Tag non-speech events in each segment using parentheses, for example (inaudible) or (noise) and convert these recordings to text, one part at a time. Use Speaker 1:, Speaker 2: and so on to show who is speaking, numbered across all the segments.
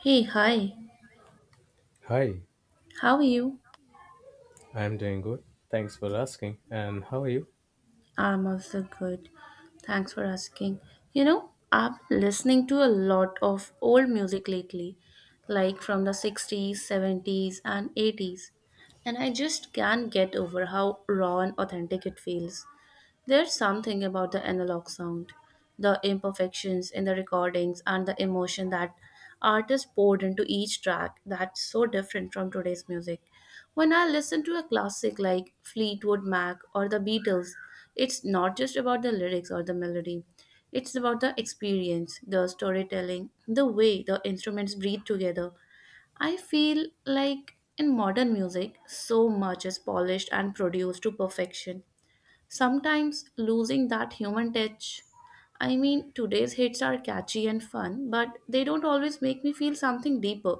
Speaker 1: Hey, hi.
Speaker 2: Hi,
Speaker 1: How are you?
Speaker 2: I'm doing good. Thanks for asking. And how are you?
Speaker 1: I'm also good. Thanks for asking. You know, I've been listening to a lot of old music lately, like from the 60s, 70s, and 80s. And I just can't get over how raw and authentic it feels. There's something about the analog sound, the imperfections in the recordings, and the emotion that artists poured into each track that's so different from today's music. When I listen to a classic like Fleetwood Mac or the Beatles, it's not just about the lyrics or the melody. It's about the experience, the storytelling, the way the instruments breathe together. I feel like in modern music, so much is polished and produced to perfection, sometimes losing that human touch. I mean, today's hits are catchy and fun, but they don't always make me feel something deeper.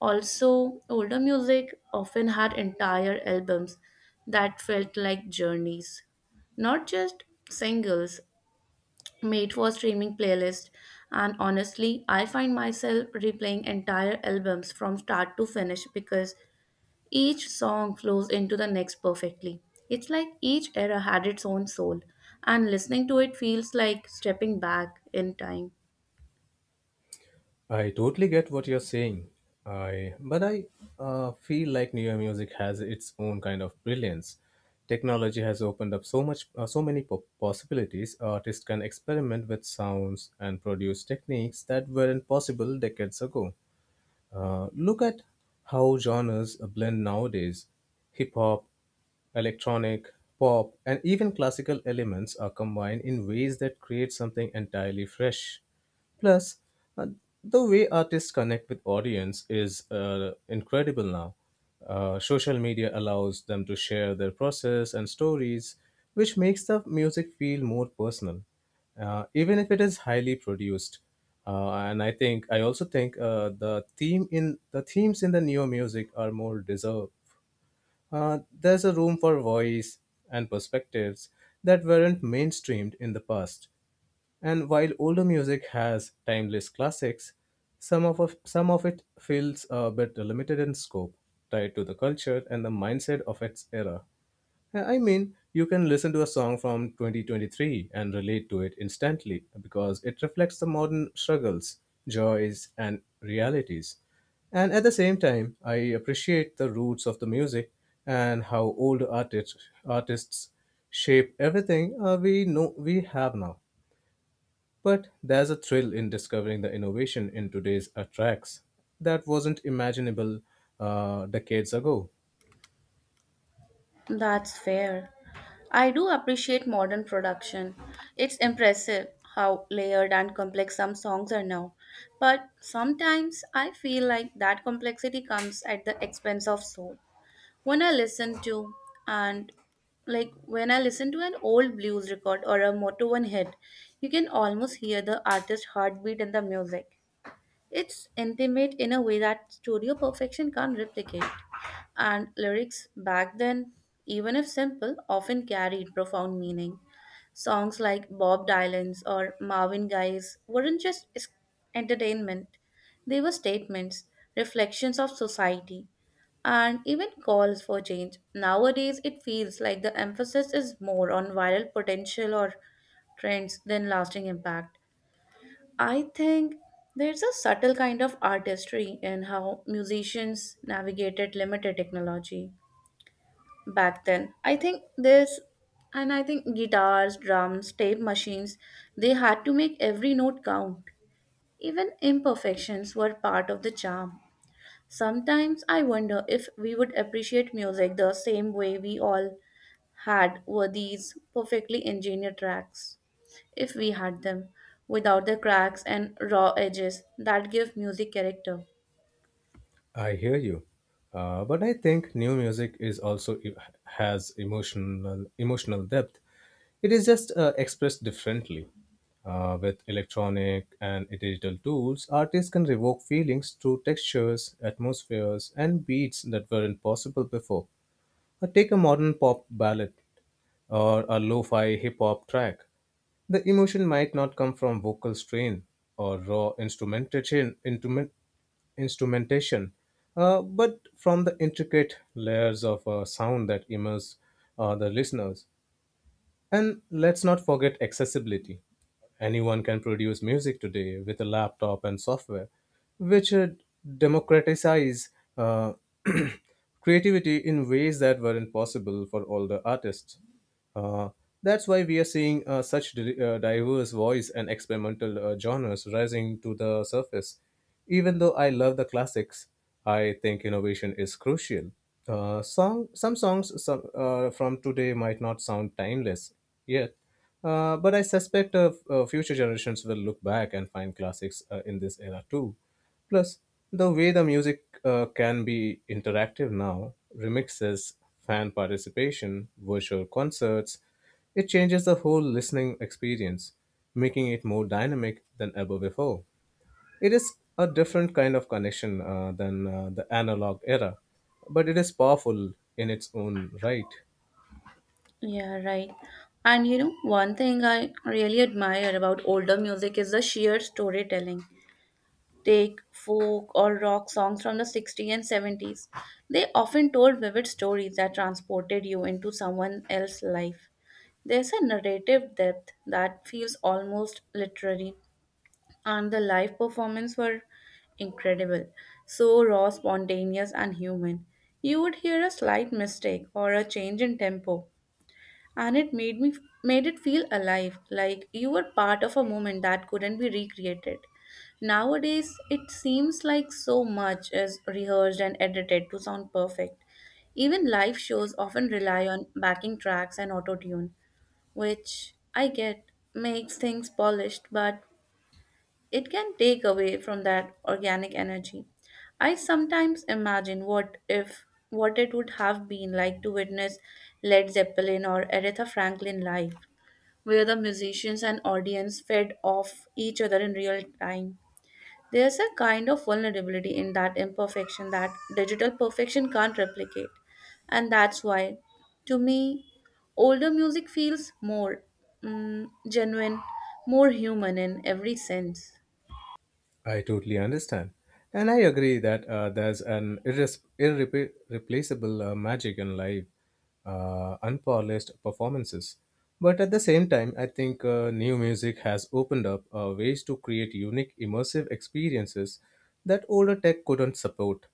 Speaker 1: Also, older music often had entire albums that felt like journeys, not just singles made for streaming playlist. And honestly, I find myself replaying entire albums from start to finish because each song flows into the next perfectly. It's like each era had its own soul, and listening to it feels like stepping back in time.
Speaker 2: I totally get what you're saying. I but I feel like newer music has its own kind of brilliance. Technology has opened up so much, so many possibilities. Artists can experiment with sounds and produce techniques that weren't possible decades ago. Look at how genres blend nowadays. Hip hop, electronic, pop, and even classical elements are combined in ways that create something entirely fresh. Plus, uh, the way artists connect with audience is incredible now. Social media allows them to share their process and stories, which makes the music feel more personal, even if it is highly produced and I also think the themes in the neo music are more deserved. There's a room for voice and perspectives that weren't mainstreamed in the past. And while older music has timeless classics, some of it feels a bit limited in scope, tied to the culture and the mindset of its era. I mean, you can listen to a song from 2023 and relate to it instantly because it reflects the modern struggles, joys, and realities. And at the same time, I appreciate the roots of the music and how old artists shape everything we have now. But there's a thrill in discovering the innovation in today's tracks that wasn't imaginable decades ago.
Speaker 1: That's fair. I do appreciate modern production. It's impressive how layered and complex some songs are now. But sometimes I feel like that complexity comes at the expense of soul. When I listen to and like when I listen to an old blues record or a moto one hit, you can almost hear the artist's heartbeat in the music. It's intimate in a way that studio perfection can't replicate. And lyrics back then, even if simple, often carried profound meaning. Songs like Bob Dylan's or Marvin Gaye's weren't just entertainment, they were statements, reflections of society, and even calls for change. Nowadays, it feels like the emphasis is more on viral potential or trends than lasting impact. I think there's a subtle kind of artistry in how musicians navigated limited technology back then. I think guitars, drums, tape machines, they had to make every note count. Even imperfections were part of the charm. Sometimes I wonder if we would appreciate music the same way we all had were these perfectly engineered tracks, if we had them, without the cracks and raw edges that give music character.
Speaker 2: I hear you. But I think new music is also has emotional depth. It is just expressed differently. With electronic and digital tools, artists can evoke feelings through textures, atmospheres, and beats that weren't possible before. Or take a modern pop ballad or a lo-fi hip-hop track. The emotion might not come from vocal strain or raw instrumentation, but from the intricate layers of sound that immerse the listeners. And let's not forget accessibility. Anyone can produce music today with a laptop and software, which democratize uh, (clears throat) creativity in ways that weren't possible for older artists. Uh, that's why we are seeing such diverse voice and experimental genres rising to the surface even though I love the classics, I think innovation is crucial. Some songs from today might not sound timeless yet, but I suspect future generations will look back and find classics in this era too. Plus, the way the music can be interactive now, remixes, fan participation, virtual concerts, it changes the whole listening experience, making it more dynamic than ever before. It is a different kind of connection than the analog era, but it is powerful in its own right.
Speaker 1: Yeah, right. And you know, one thing I really admire about older music is the sheer storytelling. Take folk or rock songs from the 60s and 70s. They often told vivid stories that transported you into someone else's life. There's a narrative depth that feels almost literary, and the live performance were incredible, so raw, spontaneous, and human. You would hear a slight mistake or a change in tempo, and it made it feel alive, like you were part of a moment that couldn't be recreated. Nowadays it seems like so much is rehearsed and edited to sound perfect. Even live shows often rely on backing tracks and auto tune, which I get makes things polished, but it can take away from that organic energy. I sometimes imagine what if what it would have been like to witness Led Zeppelin or Aretha Franklin live, where the musicians and audience fed off each other in real time. There's a kind of vulnerability in that imperfection that digital perfection can't replicate. And that's why, to me, older music feels more genuine, more human in every sense.
Speaker 2: I totally understand. And I agree that there's an irreplaceable magic in live, unpolished performances. But at the same time, I think new music has opened up ways to create unique, immersive experiences that older tech couldn't support.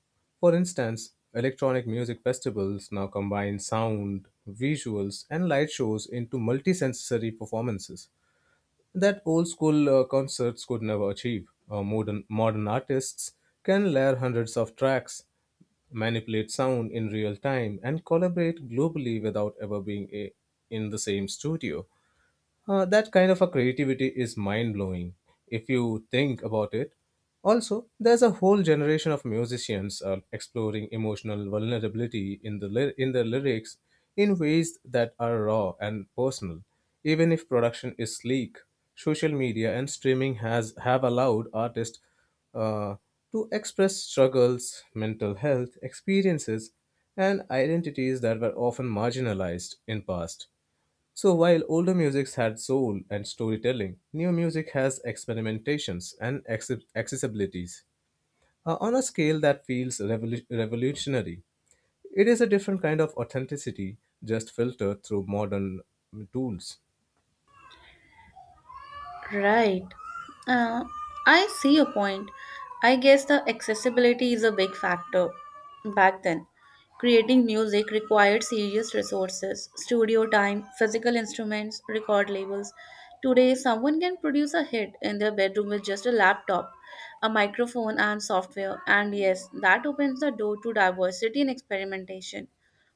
Speaker 2: For instance, electronic music festivals now combine sound, visuals, and light shows into multisensory performances that old school concerts could never achieve. Modern artists can layer hundreds of tracks, manipulate sound in real time, and collaborate globally without ever being in the same studio. That kind of a creativity is mind blowing if you think about it. Also, there's a whole generation of musicians exploring emotional vulnerability in their lyrics in ways that are raw and personal. Even if production is sleek, social media and streaming has have allowed artists uh, to express struggles, mental health experiences, and identities that were often marginalized in past. So while older music had soul and storytelling, new music has experimentations and accessibilities on a scale that feels revolutionary. It is a different kind of authenticity, just filtered through modern tools.
Speaker 1: Right. Uh, I see your point. I guess the accessibility is a big factor back then. Creating music required serious resources, studio time, physical instruments, record labels. Today, someone can produce a hit in their bedroom with just a laptop, a microphone, and software. And yes, that opens the door to diversity and experimentation,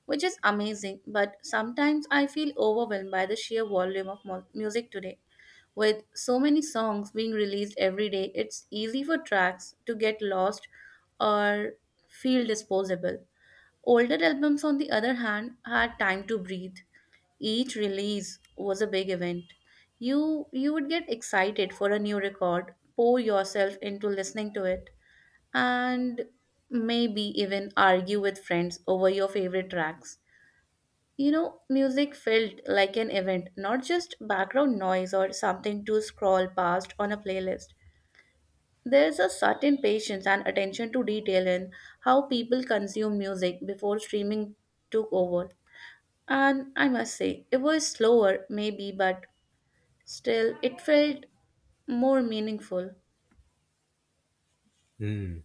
Speaker 1: which is amazing. But sometimes I feel overwhelmed by the sheer volume of music today. With so many songs being released every day, it's easy for tracks to get lost or feel disposable. Older albums, on the other hand, had time to breathe. Each release was a big event. You would get excited for a new record, pour yourself into listening to it, and maybe even argue with friends over your favorite tracks. You know, music felt like an event, not just background noise or something to scroll past on a playlist. There's a certain patience and attention to detail in how people consume music before streaming took over. And I must say, it was slower, maybe, but still, it felt more meaningful.
Speaker 2: Hmm.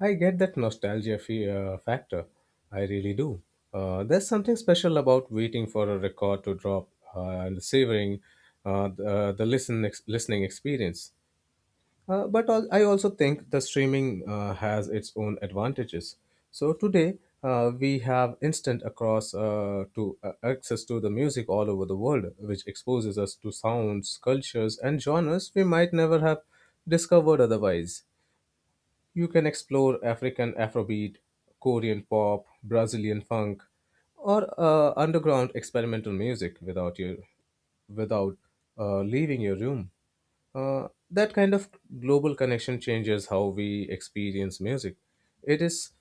Speaker 2: I get that nostalgia factor. I really do. There's something special about waiting for a record to drop and savoring the listening experience. But I also think the streaming has its own advantages. So today we have instant across to access to the music all over the world, which exposes us to sounds, cultures, and genres we might never have discovered otherwise. You can explore African Afrobeat, Korean pop, Brazilian funk, or underground experimental music without leaving your room. That kind of global connection changes how we experience music. It is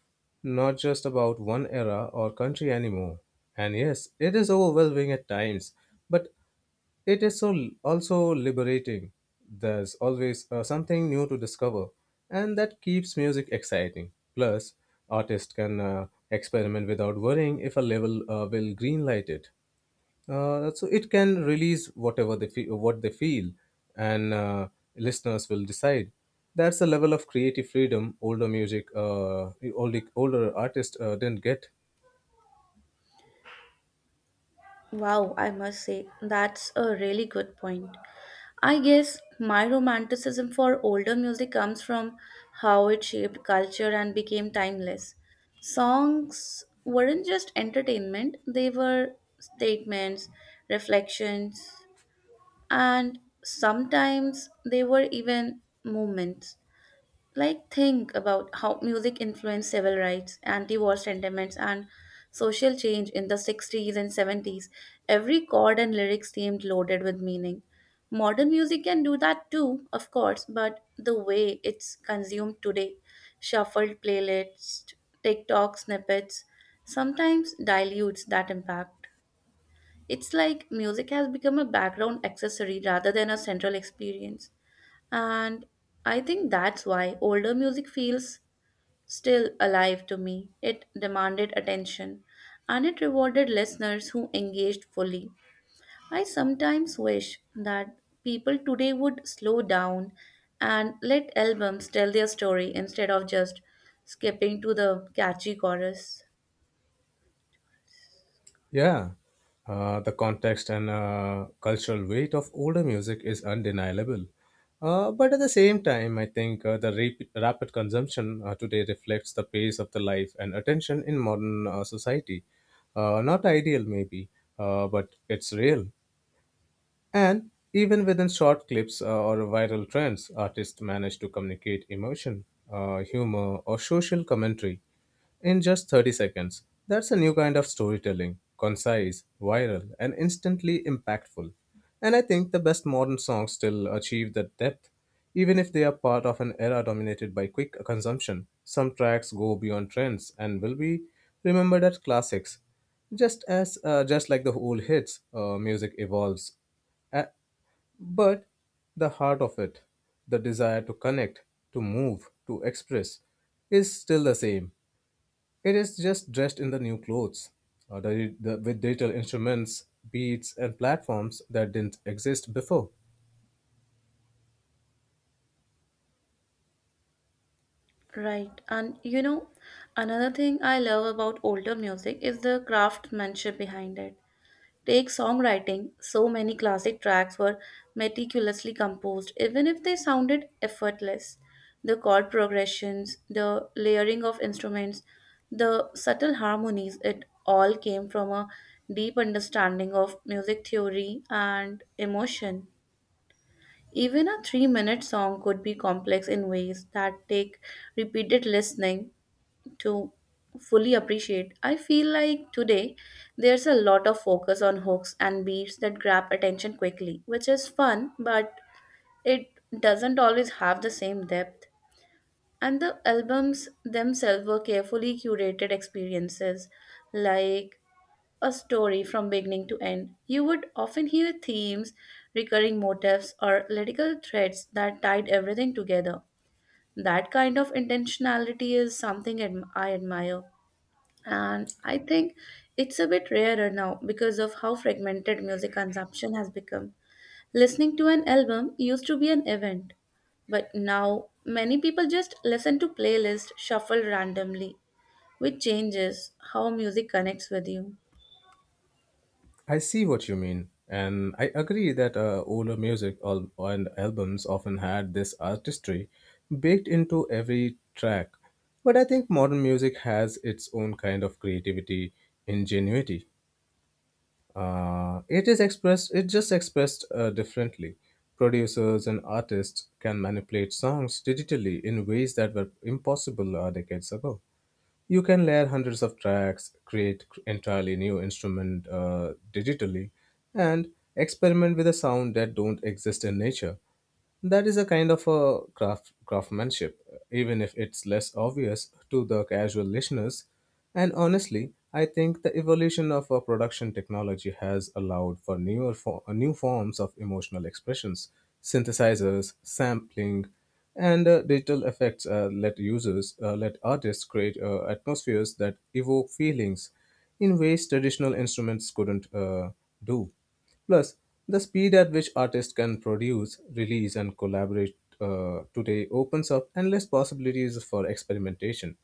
Speaker 2: not just about one era or country anymore. And yes, it is overwhelming at times, but it is also liberating. There's always something new to discover, and that keeps music exciting. Plus, artists can experiment without worrying if a label will greenlight it. So it can release whatever they feel, what they feel, and listeners will decide. That's a level of creative freedom older music, older older artists didn't get.
Speaker 1: Wow, I must say, that's a really good point. I guess my romanticism for older music comes from how it shaped culture and became timeless. Songs weren't just entertainment, they were statements, reflections, and sometimes they were even moments, like think about how music influenced civil rights, anti-war sentiments, and social change in the 60s and 70s. Every chord and lyrics seemed loaded with meaning. Modern music can do that too, of course, but the way it's consumed today, shuffled playlists, tiktok snippets, sometimes dilutes that impact. It's like music has become a background accessory rather than a central experience. And I think that's why older music feels still alive to me. It demanded attention and it rewarded listeners who engaged fully. I sometimes wish that people today would slow down and let albums tell their story instead of just skipping to the catchy chorus.
Speaker 2: Yeah, the context and cultural weight of older music is undeniable. But at the same time, I think the rapid consumption today reflects the pace of the life and attention in modern society. Not ideal, maybe, but it's real. And even within short clips or viral trends, artists manage to communicate emotion, humor, or social commentary in just 30 seconds. That's a new kind of storytelling, concise, viral, and instantly impactful. And I think the best modern songs still achieve that depth, even if they are part of an era dominated by quick consumption. Some tracks go beyond trends and will be remembered as classics. Just like the old hits, music evolves a- but the heart of it, the desire to connect, to move, to express, is still the same. It is just dressed in the new clothes, with digital instruments, beats, and platforms that didn't exist before.
Speaker 1: Right. And you know, another thing I love about older music is the craftsmanship behind it. Take songwriting, so many classic tracks were meticulously composed, even if they sounded effortless. The chord progressions, the layering of instruments, the subtle harmonies, it all came from a deep understanding of music theory and emotion. Even a 3-minute song could be complex in ways that take repeated listening to fully appreciate. I feel like today there's a lot of focus on hooks and beats that grab attention quickly, which is fun, but it doesn't always have the same depth. And the albums themselves were carefully curated experiences, like a story from beginning to end. You would often hear themes, recurring motifs, or lyrical threads that tied everything together. That kind of intentionality is something I admire. And I think it's a bit rarer now because of how fragmented music consumption has become. Listening to an album used to be an event, but now many people just listen to playlists shuffled randomly, which changes how music connects with you.
Speaker 2: I see what you mean, and I agree that older music and albums often had this artistry baked into every track. But I think modern music has its own kind of creativity, ingenuity. It is expressed. It just expressed differently. Producers and artists can manipulate songs digitally in ways that were impossible decades ago. You can layer hundreds of tracks, create entirely new instrument digitally, and experiment with a sound that don't exist in nature. That is a kind of a craftsmanship, even if it's less obvious to the casual listeners. And honestly, I think the evolution of our production technology has allowed for new forms of emotional expressions, synthesizers, sampling, and digital effects let artists create atmospheres that evoke feelings in ways traditional instruments couldn't do. Plus, the speed at which artists can produce, release, and collaborate today opens up endless possibilities for experimentation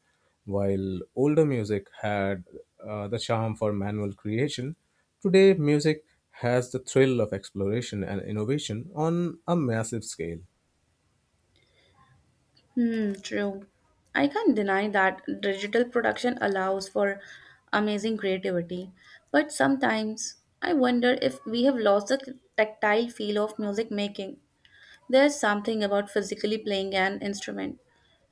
Speaker 2: while older music had the charm for manual creation, today music has the thrill of exploration and innovation on a massive scale.
Speaker 1: Hmm, true. I can't deny that digital production allows for amazing creativity, but sometimes I wonder if we have lost the tactile feel of music making. There's something about physically playing an instrument,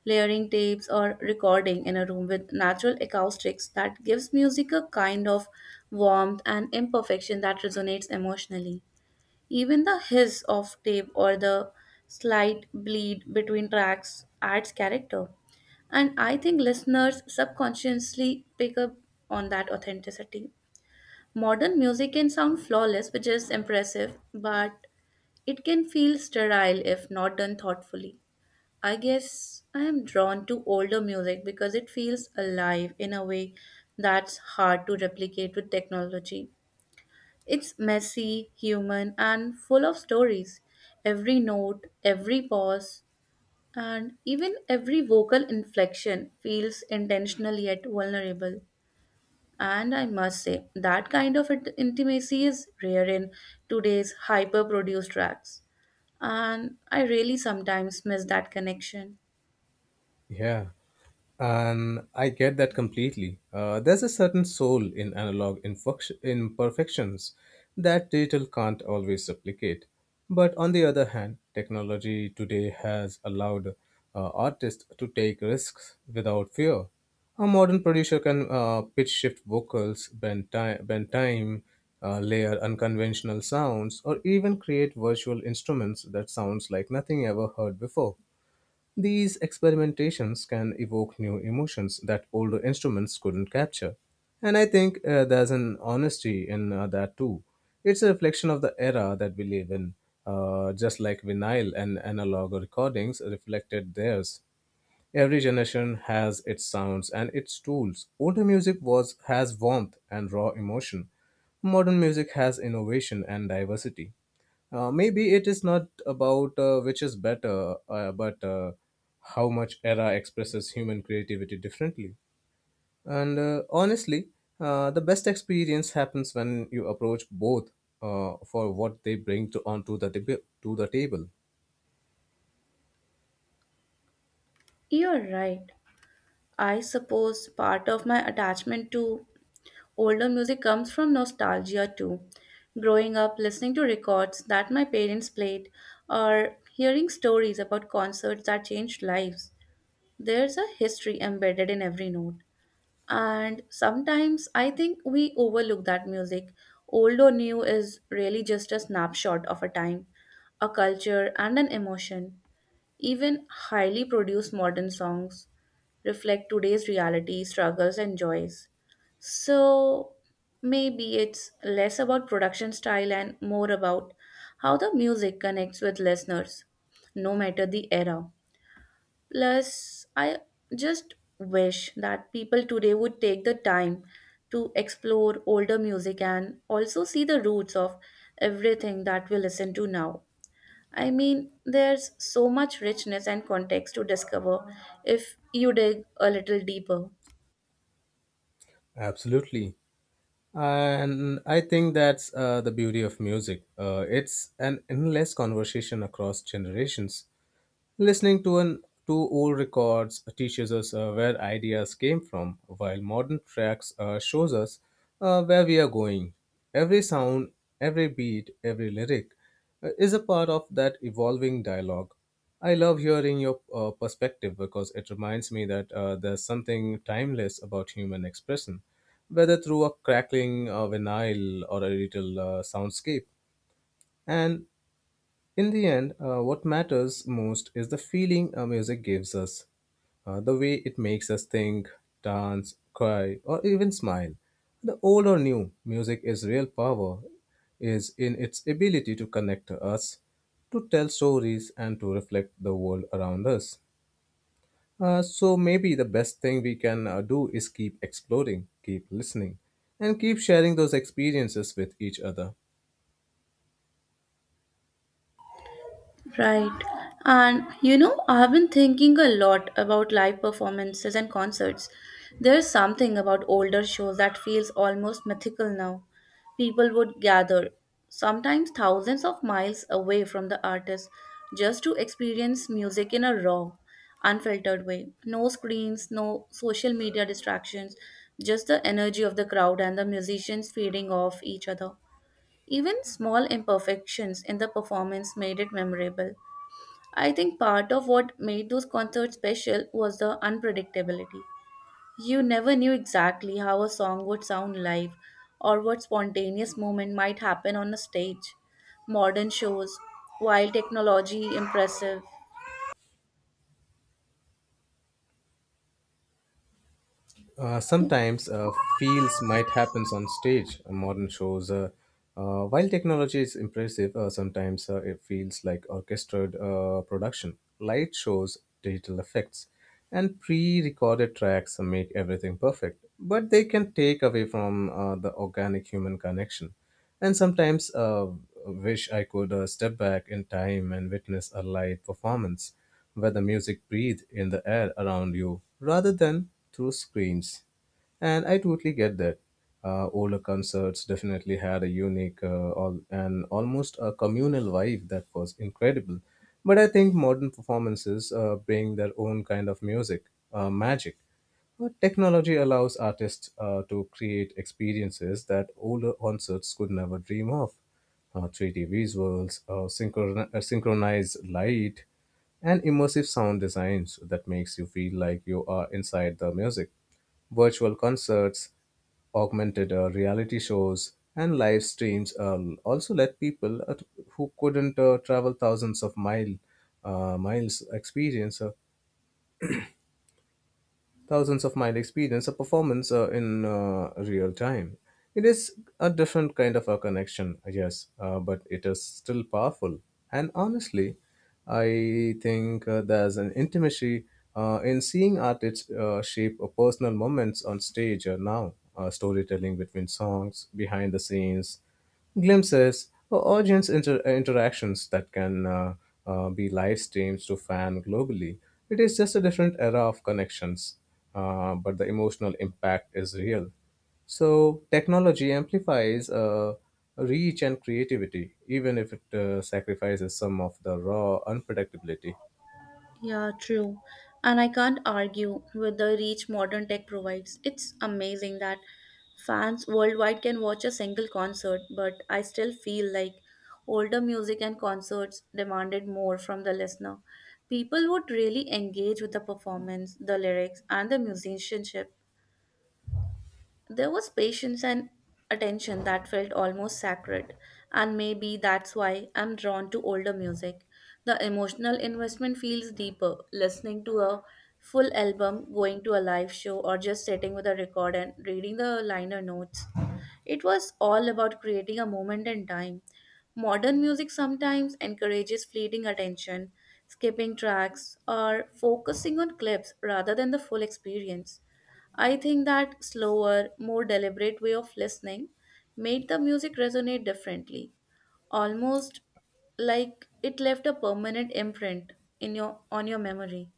Speaker 1: layering tapes, or recording in a room with natural acoustics that gives music a kind of warmth and imperfection that resonates emotionally. Even the hiss of tape or the slight bleed between tracks adds character. And I think listeners subconsciously pick up on that authenticity. Modern music can sound flawless, which is impressive, but it can feel sterile if not done thoughtfully. I guess I am drawn to older music because it feels alive in a way that's hard to replicate with technology. It's messy, human, and full of stories. Every note, every pause, and even every vocal inflection feels intentional yet vulnerable. And I must say, that kind of intimacy is rare in today's hyper produced tracks. And I really sometimes miss that connection.
Speaker 2: Yeah. And I get that completely. There's a certain soul in analog imperfections that digital can't always replicate. But on the other hand, technology today has allowed artists to take risks without fear. A modern producer can pitch shift vocals, bend time, layer unconventional sounds, or even create virtual instruments that sounds like nothing ever heard before. These experimentations can evoke new emotions that older instruments couldn't capture. And I think there's an honesty in that too. It's a reflection of the era that we live in, just like vinyl and analog recordings reflected theirs. Every generation has its sounds and its tools. Older music was has warmth and raw emotion. Modern music has innovation and diversity. Maybe it is not about which is better, but how much era expresses human creativity differently. And honestly, the best experience happens when you approach both for what they bring to the table.
Speaker 1: You're right. I suppose part of my attachment to older music comes from nostalgia too. Growing up listening to records that my parents played or hearing stories about concerts that changed lives. There's a history embedded in every note. And sometimes I think we overlook that music. Old or new is really just a snapshot of a time, a culture, and an emotion. Even highly produced modern songs reflect today's reality, struggles, and joys. So maybe it's less about production style and more about how the music connects with listeners, no matter the era. Plus, I just wish that people today would take the time to explore older music and also see the roots of everything that we listen to now. I mean, there's so much richness and context to discover if you dig a little deeper.
Speaker 2: Absolutely. And I think that's the beauty of music. It's an endless conversation across generations. Listening to old records teaches us where ideas came from, while modern tracks shows us where we are going. Every sound, every beat, every lyric is a part of that evolving dialogue. I love hearing your perspective because it reminds me that there's something timeless about human expression whether through a crackling vinyl or a little soundscape. And in the end, what matters most is the feeling music gives us, the way it makes us think, dance, cry, or even smile. The old or new, music is real power is in its ability to connect us, to tell stories, and to reflect the world around us. So maybe the best thing we can do is keep exploring, keep listening, and keep sharing those experiences with each other.
Speaker 1: Right. And you know, I've been thinking a lot about live performances and concerts. There's something about older shows that feels almost mythical now. People would gather, sometimes thousands of miles away from the artist, just to experience music in a raw, unfiltered way. No screens, no social media distractions, just the energy of the crowd and the musicians feeding off each other. Even small imperfections in the performance made it memorable. I think part of what made those concerts special was the unpredictability. You never knew exactly how a song would sound live or what spontaneous moment might happen on a stage. Modern shows, while technology impressive,
Speaker 2: Sometimes feels might happens on stage. Modern shows, while technology is impressive, sometimes it feels like orchestrated production. Light shows, digital effects, and pre-recorded tracks make everything perfect, but they can take away from the organic human connection. And sometimes wish I could step back in time and witness a live performance where the music breathes in the air around you rather than through screens. And I totally get that. Older concerts definitely had a unique and almost a communal vibe that was incredible. But I think modern performances bring their own kind of music, magic. But technology allows artists to create experiences that older concerts could never dream of. 3D visuals, synchronized light, and immersive sound designs that makes you feel like you are inside the music. Virtual concerts, augmented reality shows, and live streams also let people at, who couldn't travel uh, miles experience uh, thousands of miles experience a performance in real time. It is a different kind of a connection, yes, but it is still powerful. And honestly, I think there's an intimacy in seeing artists shape a personal moments on stage now, storytelling between songs, behind the scenes, glimpses or audience interactions that can be live streams to fan globally. It is just a different era of connections, but the emotional impact is real. So technology amplifies reach and creativity, even if it sacrifices some of the raw unpredictability.
Speaker 1: yeah, true. And I can't argue with the reach modern tech provides. It's amazing that fans worldwide can watch a single concert, but I still feel like older music and concerts demanded more from the listener. People would really engage with the performance, the lyrics, and the musicianship. There was patience and attention that felt almost sacred, and maybe that's why I'm drawn to older music. The emotional investment feels deeper. Listening to a full album, going to a live show, or just sitting with a record and reading the liner notes, it was all about creating a moment in time. Modern music sometimes encourages fleeting attention, skipping tracks, or focusing on clips rather than the full experience. I think that slower, more deliberate way of listening made the music resonate differently, almost like it left a permanent imprint in your on your memory.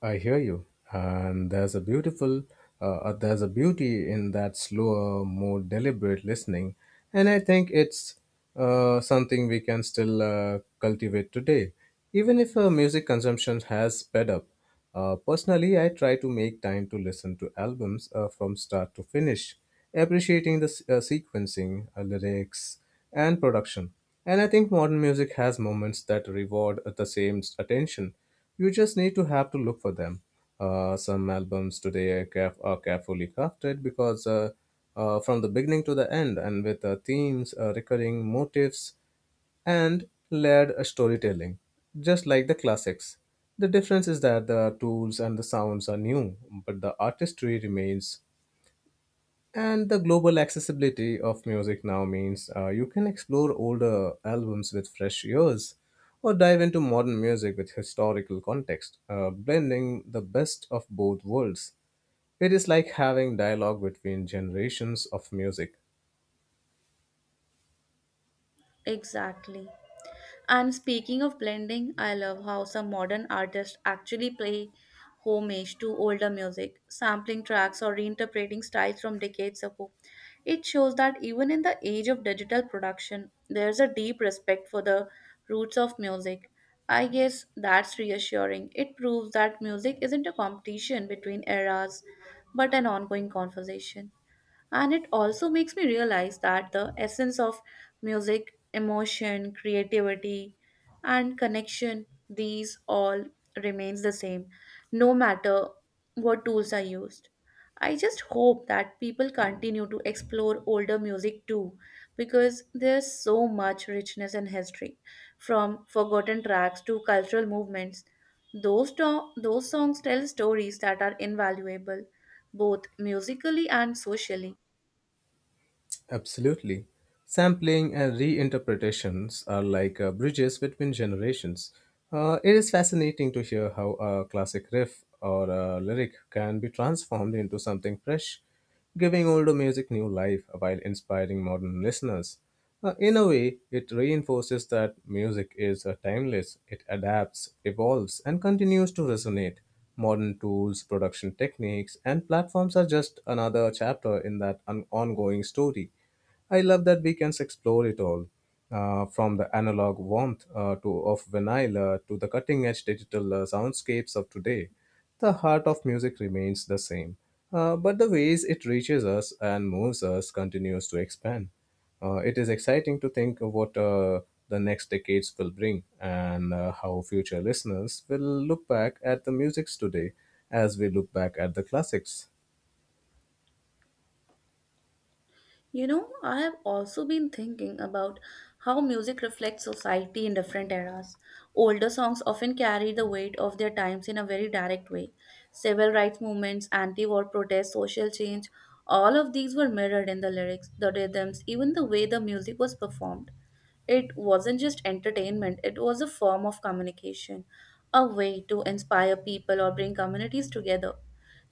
Speaker 2: I hear you, and there's a beauty in that slower, more deliberate listening, and I think it's something we can still cultivate today, even if music consumption has sped up. Personally, I try to make time to listen to albums from start to finish, appreciating the sequencing, lyrics, and production. And I think modern music has moments that reward the same attention. You just need to have to look for them. Some albums today are carefully crafted because from the beginning to the end, and with themes, recurring motifs, and layered storytelling, just like the classics. The difference is that the tools and the sounds are new, but the artistry remains, and the global accessibility of music now means you can explore older albums with fresh ears or dive into modern music with historical context, blending the best of both worlds. It is like having dialogue between generations of music.
Speaker 1: Exactly. And speaking of blending, I love how some modern artists actually play homage to older music, sampling tracks or reinterpreting styles from decades ago. It shows that even in the age of digital production, there's a deep respect for the roots of music. I guess that's reassuring. It proves that music isn't a competition between eras, but an ongoing conversation. And it also makes me realize that the essence of music, emotion, creativity, and connection, these all remains the same, no matter what tools are used. I just hope that people continue to explore older music too, because there's so much richness in history, from forgotten tracks to cultural movements. Those songs tell stories that are invaluable, both musically and socially.
Speaker 2: Absolutely. Sampling and reinterpretations are like bridges between generations. It is fascinating to hear how a classic riff or a lyric can be transformed into something fresh, giving older music new life while inspiring modern listeners. In a way, it reinforces that music is timeless. It adapts, evolves, and continues to resonate. Modern tools, production techniques, and platforms are just another chapter in that ongoing story. I love that we can explore it all, from the analog warmth to of vinyl to the cutting-edge digital soundscapes of today. The heart of music remains the same, but the ways it reaches us and moves us continues to expand. It is exciting to think of what the next decades will bring and how future listeners will look back at the musics today as we look back at the classics.
Speaker 1: You know, I have also been thinking about how music reflects society in different eras. Older songs often carry the weight of their times in a very direct way. Civil rights movements, anti war protests, social change, all of these were mirrored in the lyrics, the rhythms, even the way the music was performed. It wasn't just entertainment, it was a form of communication, a way to inspire people or bring communities together.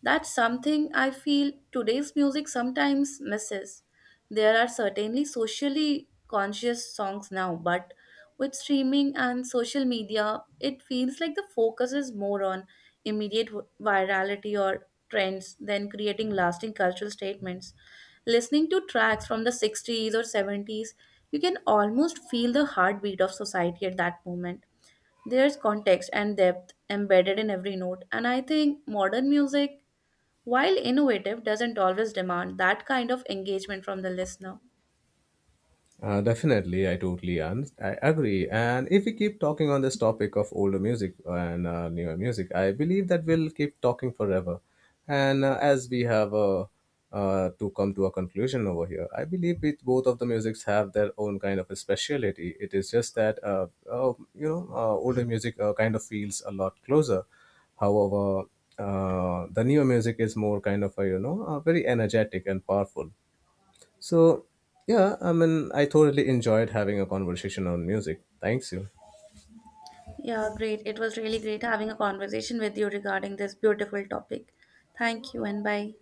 Speaker 1: That's something I feel today's music sometimes misses. There are certainly socially conscious songs now, but with streaming and social media, it feels like the focus is more on immediate virality or trends than creating lasting cultural statements. Listening to tracks from the 60s or 70s, you can almost feel the heartbeat of society at that moment. There's context and depth embedded in every note, and I think modern music, while innovative, doesn't always demand that kind of engagement from the listener.
Speaker 2: Definitely, I totally un- I agree. And if we keep talking on this topic of older music and newer music, I believe that we'll keep talking forever. And as we have to come to a conclusion over here, I believe it, both of the musics have their own kind of a speciality. It is just that older music kind of feels a lot closer. However, the newer music is more kind of a, very energetic and powerful, so, yeah, I mean, I thoroughly enjoyed having a conversation on music. Thanks you.
Speaker 1: Yeah, great. It was really great having a conversation with you regarding this beautiful topic. Thank you and bye.